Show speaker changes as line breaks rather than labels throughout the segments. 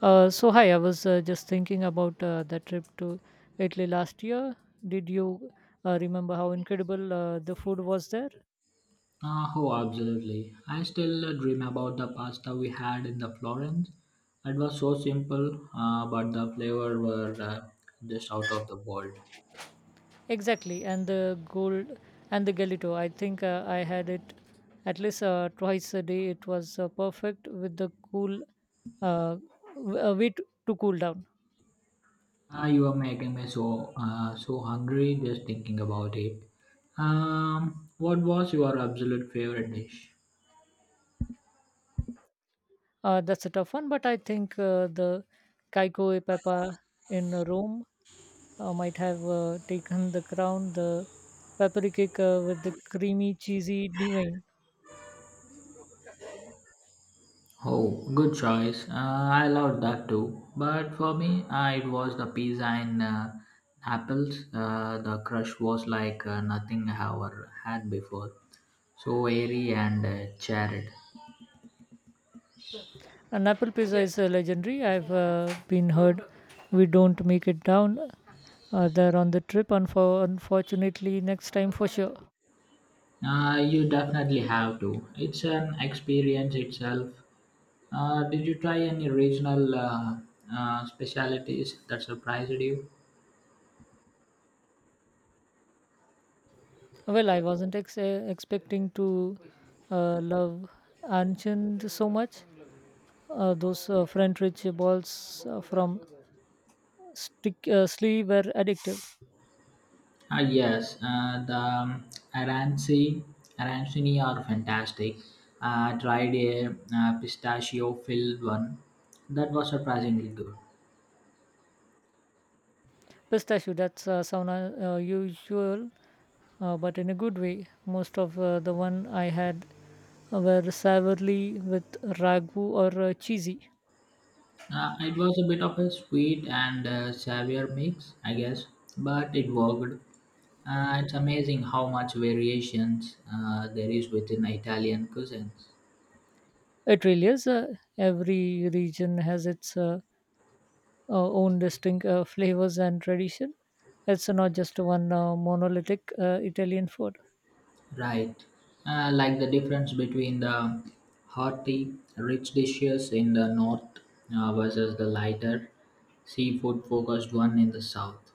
So hi, I was just thinking about the trip to Italy last year. Did you remember how incredible the food was there?
Ah oh, absolutely. I still dream about the pasta we had in the Florence. It was so simple, but the flavor were just out of the world.
Exactly, and the gelato. I think I had it at least twice a day. It was perfect with the uh, w- uh, to cool down.
Ah, you are making me so hungry just thinking about it. What was your absolute favorite dish?
That's a tough one, but I think the Kaiko e Papa in Rome might have taken the crown. The peppery cake with the creamy, cheesy divine.
Oh, good choice. I loved that too. But for me, it was the pizza and apples. The crush was like nothing I ever had before. So airy and charred.
And apple pizza is legendary. I've been heard we don't make it down there on the trip, unfortunately, next time for sure.
You definitely have to. It's an experience itself. Did you try any regional specialities that surprised you?
Well, I wasn't expecting to love Anchand so much. Those French rich balls from Stick, sleeve were addictive.
Ah, yes, the Aransini, Aransini are fantastic. I tried a pistachio filled one that was surprisingly good.
Pistachio, that's sound usual, but in a good way. Most of the one I had were savory with ragu or cheesy.
It was a bit of a sweet and sour mix, I guess, but it worked. It's amazing how much variations there is within Italian cuisines.
It really is. Every region has its own distinct flavors and tradition. It's not just one monolithic Italian food.
Right, like the difference between the hearty, rich dishes in the north versus the lighter, seafood-focused one in the south.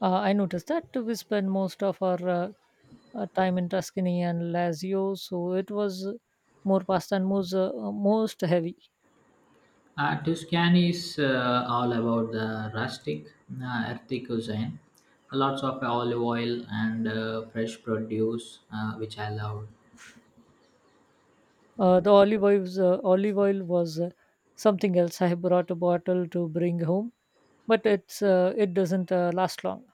I noticed that we spend most of our time in Tuscany and Lazio, so it was more pasta and most heavy.
Tuscan is all about the rustic, earthy cuisine. Lots of olive oil and fresh produce, which I love.
The olive oil was something else. I brought a bottle to bring home, but it doesn't last long.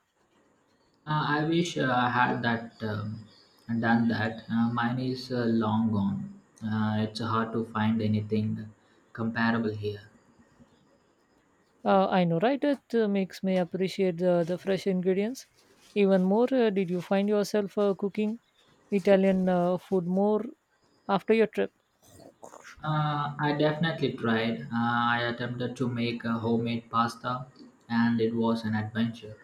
I wish I had that done that. Mine is long gone. It's hard to find anything comparable here.
I know, right? It makes me appreciate the fresh ingredients even more. Did you find yourself cooking Italian food more after your trip?
I definitely tried. I attempted to make a homemade pasta, and it was an adventure.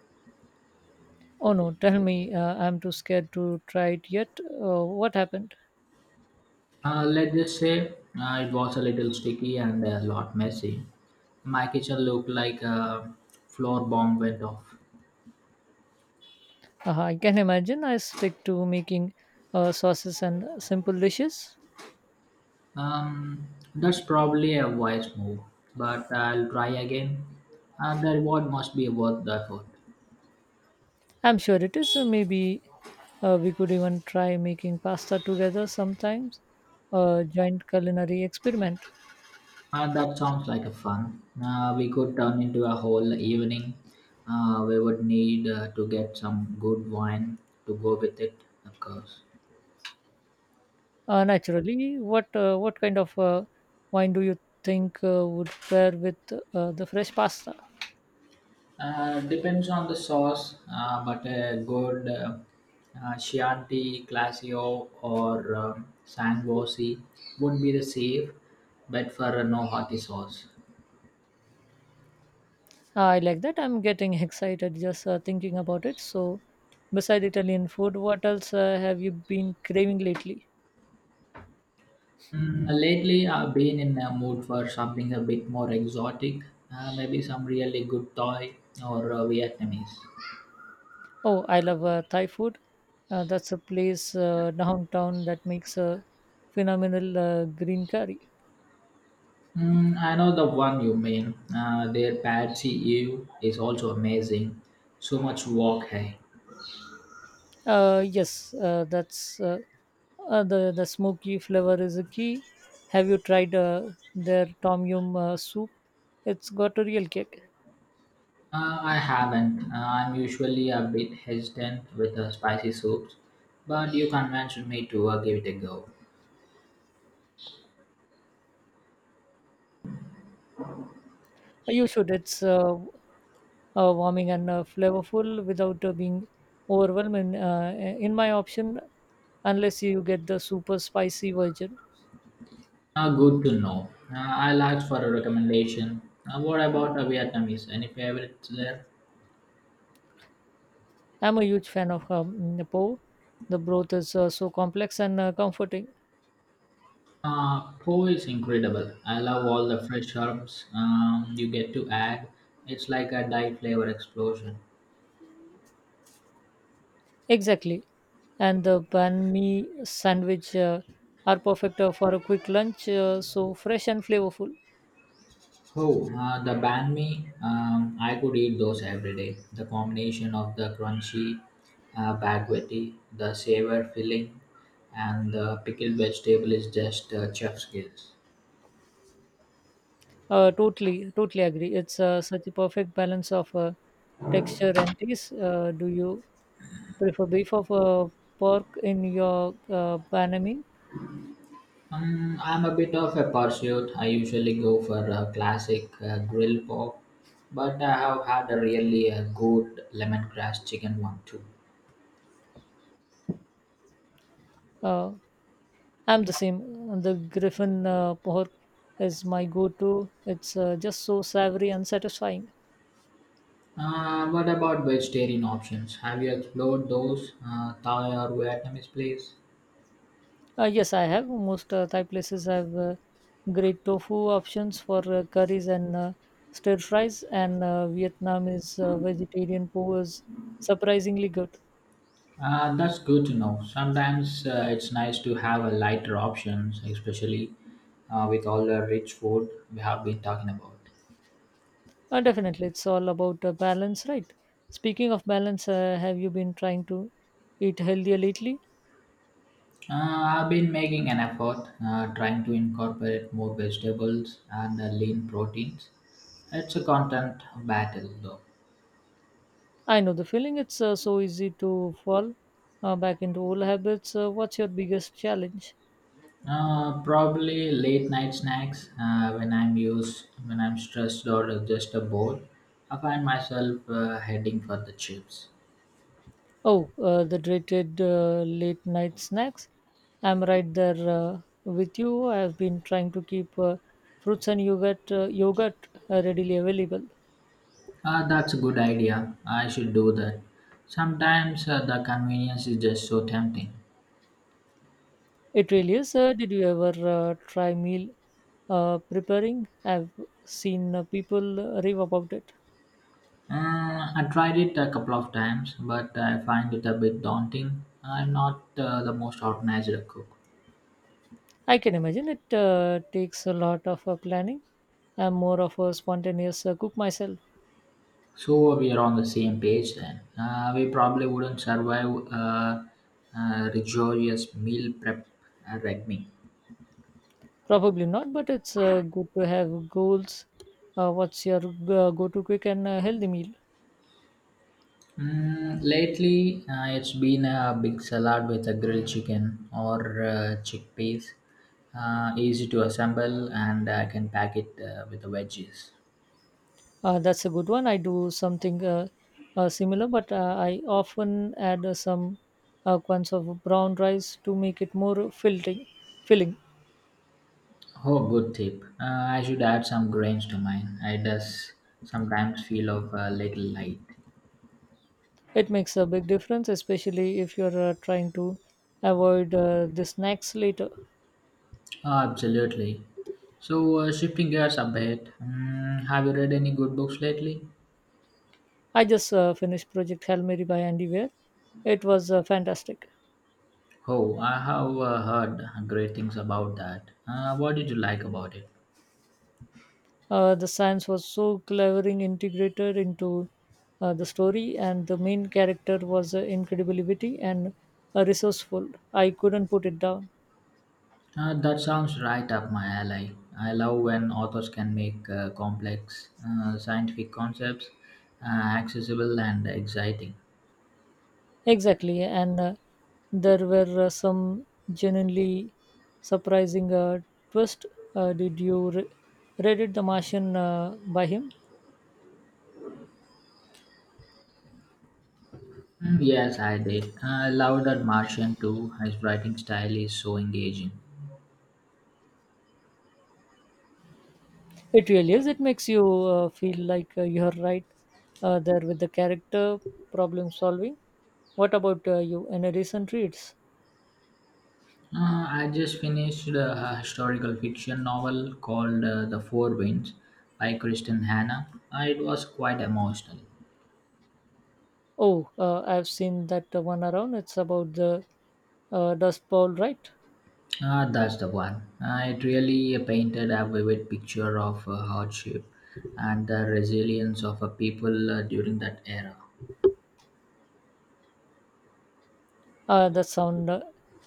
Oh no, tell me, I'm too scared to try it yet. What happened?
Let's just say it was a little sticky and a lot messy. My kitchen looked like a floor bomb went off.
I can imagine I stick to making sauces and simple dishes.
Um, that's probably a wise move, but I'll try again. The reward must be worth the effort.
I'm sure it is. Maybe we could even try making pasta together sometimes, a joint culinary experiment.
That sounds like a fun. We could turn into a whole evening. We would need to get some good wine to go with it, of course.
Naturally, what kind of wine do you think would pair with the fresh pasta?
Depends on the sauce, but a good Chianti Classio or Sangiovese would be the safe bet for a no hearty sauce.
I like that. I'm getting excited just thinking about it. So, beside Italian food, what else have you been craving lately?
Mm, lately, I've been in a mood for something a bit more exotic, maybe some really good Thai or Vietnamese.
Oh, I love Thai food. That's a place downtown that makes a phenomenal green curry.
Mm, I know the one you mean. Their Patsy Ew is also amazing. So much wok, hey.
Yes, that's the smoky flavor is a key. Have you tried their tom yum soup? It's got a real kick.
I haven't. I'm usually a bit hesitant with the spicy soups, but you convinced me to give it a go.
You should. It's warming and flavorful without being overwhelming. In my option, unless you get the super spicy version.
Good to know. I'll ask for a recommendation. What about the Vietnamese? Any favorites there?
I'm a huge fan of the po. The broth is so complex and comforting.
Po is incredible. I love all the fresh herbs you get to add. It's like a Thai flavor explosion.
Exactly, and the banh mi sandwich are perfect for a quick lunch. So fresh and flavorful.
Oh, the banh mi. I could eat those every day. The combination of the crunchy baguette, the savor filling, and the pickled vegetable is just chef's kiss.
Totally, totally agree. It's such a perfect balance of texture and taste. Do you prefer beef of pork in your panaming?
I'm a bit of a pursuit. I usually go for a classic grill pork, but I have had a really good lemongrass chicken one too.
Uh, I'm the same. The griffin pork is my go-to. It's just so savory and satisfying.
What about vegetarian options? Have you explored those? Thai or Vietnamese place?
Yes, I have. Most Thai places have great tofu options for curries and stir fries, and Vietnam is vegetarian po is surprisingly good.
That's good to know. Sometimes it's nice to have a lighter options, especially with all the rich food we have been talking about.
Definitely, it's all about balance, right? Speaking of balance, have you been trying to eat healthier lately?
I've been making an effort trying to incorporate more vegetables and lean proteins. It's a content battle though.
I know the feeling. It's so easy to fall back into old habits. What's your biggest challenge?
Probably late night snacks when I'm stressed or just bored. I find myself heading for the chips.
Oh, the dreaded late night snacks. I'm right there with you. I've been trying to keep fruits and yogurt readily available.
That's a good idea. I should do that. Sometimes the convenience is just so tempting.
It really is. Did you ever try meal preparing? I've seen people rave about it.
I tried it a couple of times, but I find it a bit daunting. I'm not the most organized cook.
I can imagine it takes a lot of planning. I'm more of a spontaneous cook myself.
So we are on the same page then. We probably wouldn't survive rigorous meal prep regime.
Probably not, but it's good to have goals. What's your go to quick and healthy meal?
Mm, lately, it's been a big salad with a grilled chicken or chickpeas. Easy to assemble, and I can pack it with the veggies.
That's a good one. I do something similar, but I often add some quants of brown rice to make it more filling.
Oh, good tip. I should add some grains to mine. I does sometimes feel of a little light.
It makes a big difference, especially if you're trying to avoid the snacks later.
Oh, absolutely. So, shifting gears a bit, mm, have you read any good books lately?
I just finished Project Hail Mary by Andy Weir. It was fantastic.
Oh, I have heard great things about that. What did you like about it?
The science was so cleverly integrated into the story, and the main character was incredibly witty and resourceful. I couldn't put it down.
That sounds right up my alley. I love when authors can make complex scientific concepts uh, accessible and exciting.
Exactly, and there were some genuinely surprising twist. Did you read it, The Martian, by him?
Mm, yes, I did. I love that Martian too. His writing style is so engaging.
It really is. It makes you feel like you're right there with the character problem solving. What about you? Any recent reads?
I just finished a historical fiction novel called The Four Winds by Kristen Hanna. It was quite emotional.
Oh, I've seen that one around. It's about the Dust Bowl, right?
Ah, that's the one. Ah, it really painted a vivid picture of hardship and the resilience of a people during that era.
That sound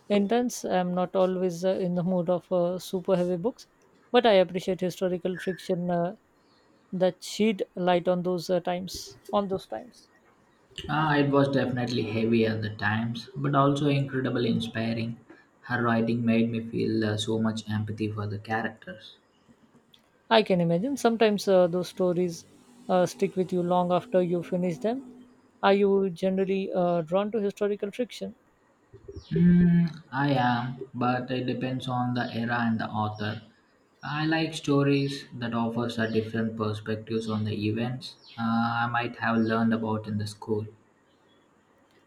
intense. I'm not always in the mood of super heavy books, but I appreciate historical fiction that shed light on those times.
Ah, it was definitely heavy at the times, but also incredibly inspiring. Her writing made me feel so much empathy for the characters.
I can imagine. Sometimes those stories stick with you long after you finish them. Are you generally drawn to historical fiction?
Mm, I am, but it depends on the era and the author. I like stories that offers a different perspectives on the events I might have learned about in the school.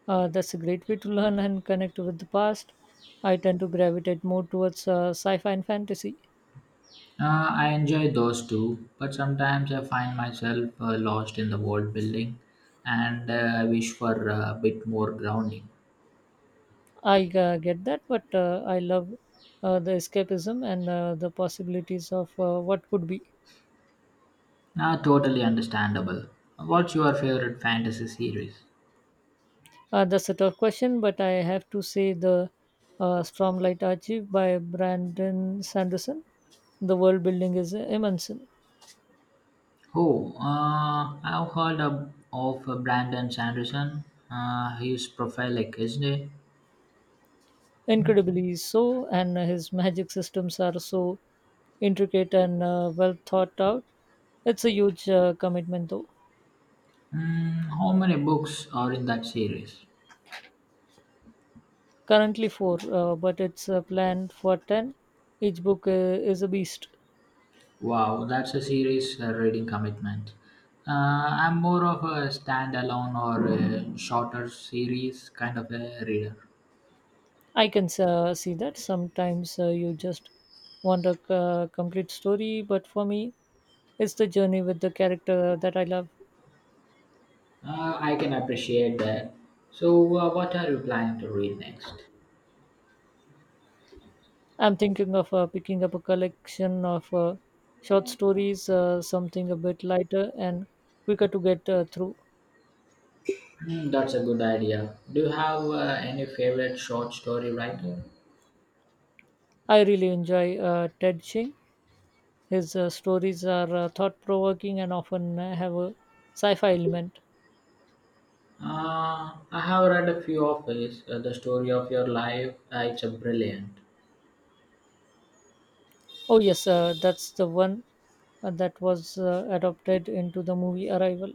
That's a great way to learn and connect with the past. I tend to gravitate more towards sci fi and fantasy.
I enjoy those too, but sometimes I find myself lost in the world building and I wish for a bit more grounding.
I get that, but I love the escapism and the possibilities of what could be.
Totally understandable. What's your favorite fantasy series?
That's a tough question, but I have to say the Stormlight Archive by Brandon Sanderson. The world building is immense,
Oh, I've heard of Brandon Sanderson. He's prolific, isn't he?
incredibly so, and his magic systems are so intricate and well thought out. It's a huge commitment, though.
Mm, how many books are in that series?
Currently four, but it's planned for ten. Each book is a beast.
Wow, that's a serious reading commitment. I'm more of a standalone or a shorter series kind of a reader.
I can see that sometimes you just want a complete story, but for me, it's the journey with the character that I love.
I can appreciate that. So, what are you planning to read next?
I'm thinking of picking up a collection of short stories, something a bit lighter and quicker to get through.
Hmm, that's a good idea. Do you have any favorite short story writer?
I really enjoy Ted Ching. His stories are thought provoking and often have a sci fi element.
I have read a few of his. The story of your life. It's a brilliant.
Oh, yes, that's the one that was adopted into the movie Arrival.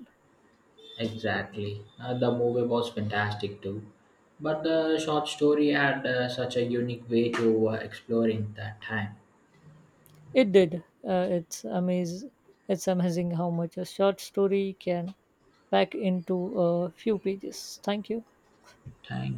Exactly. The movie was fantastic too. But the short story had such a unique way to exploring that time.
It did. It's amazing how much a short story can pack into a few pages. Thank you.
Thank you.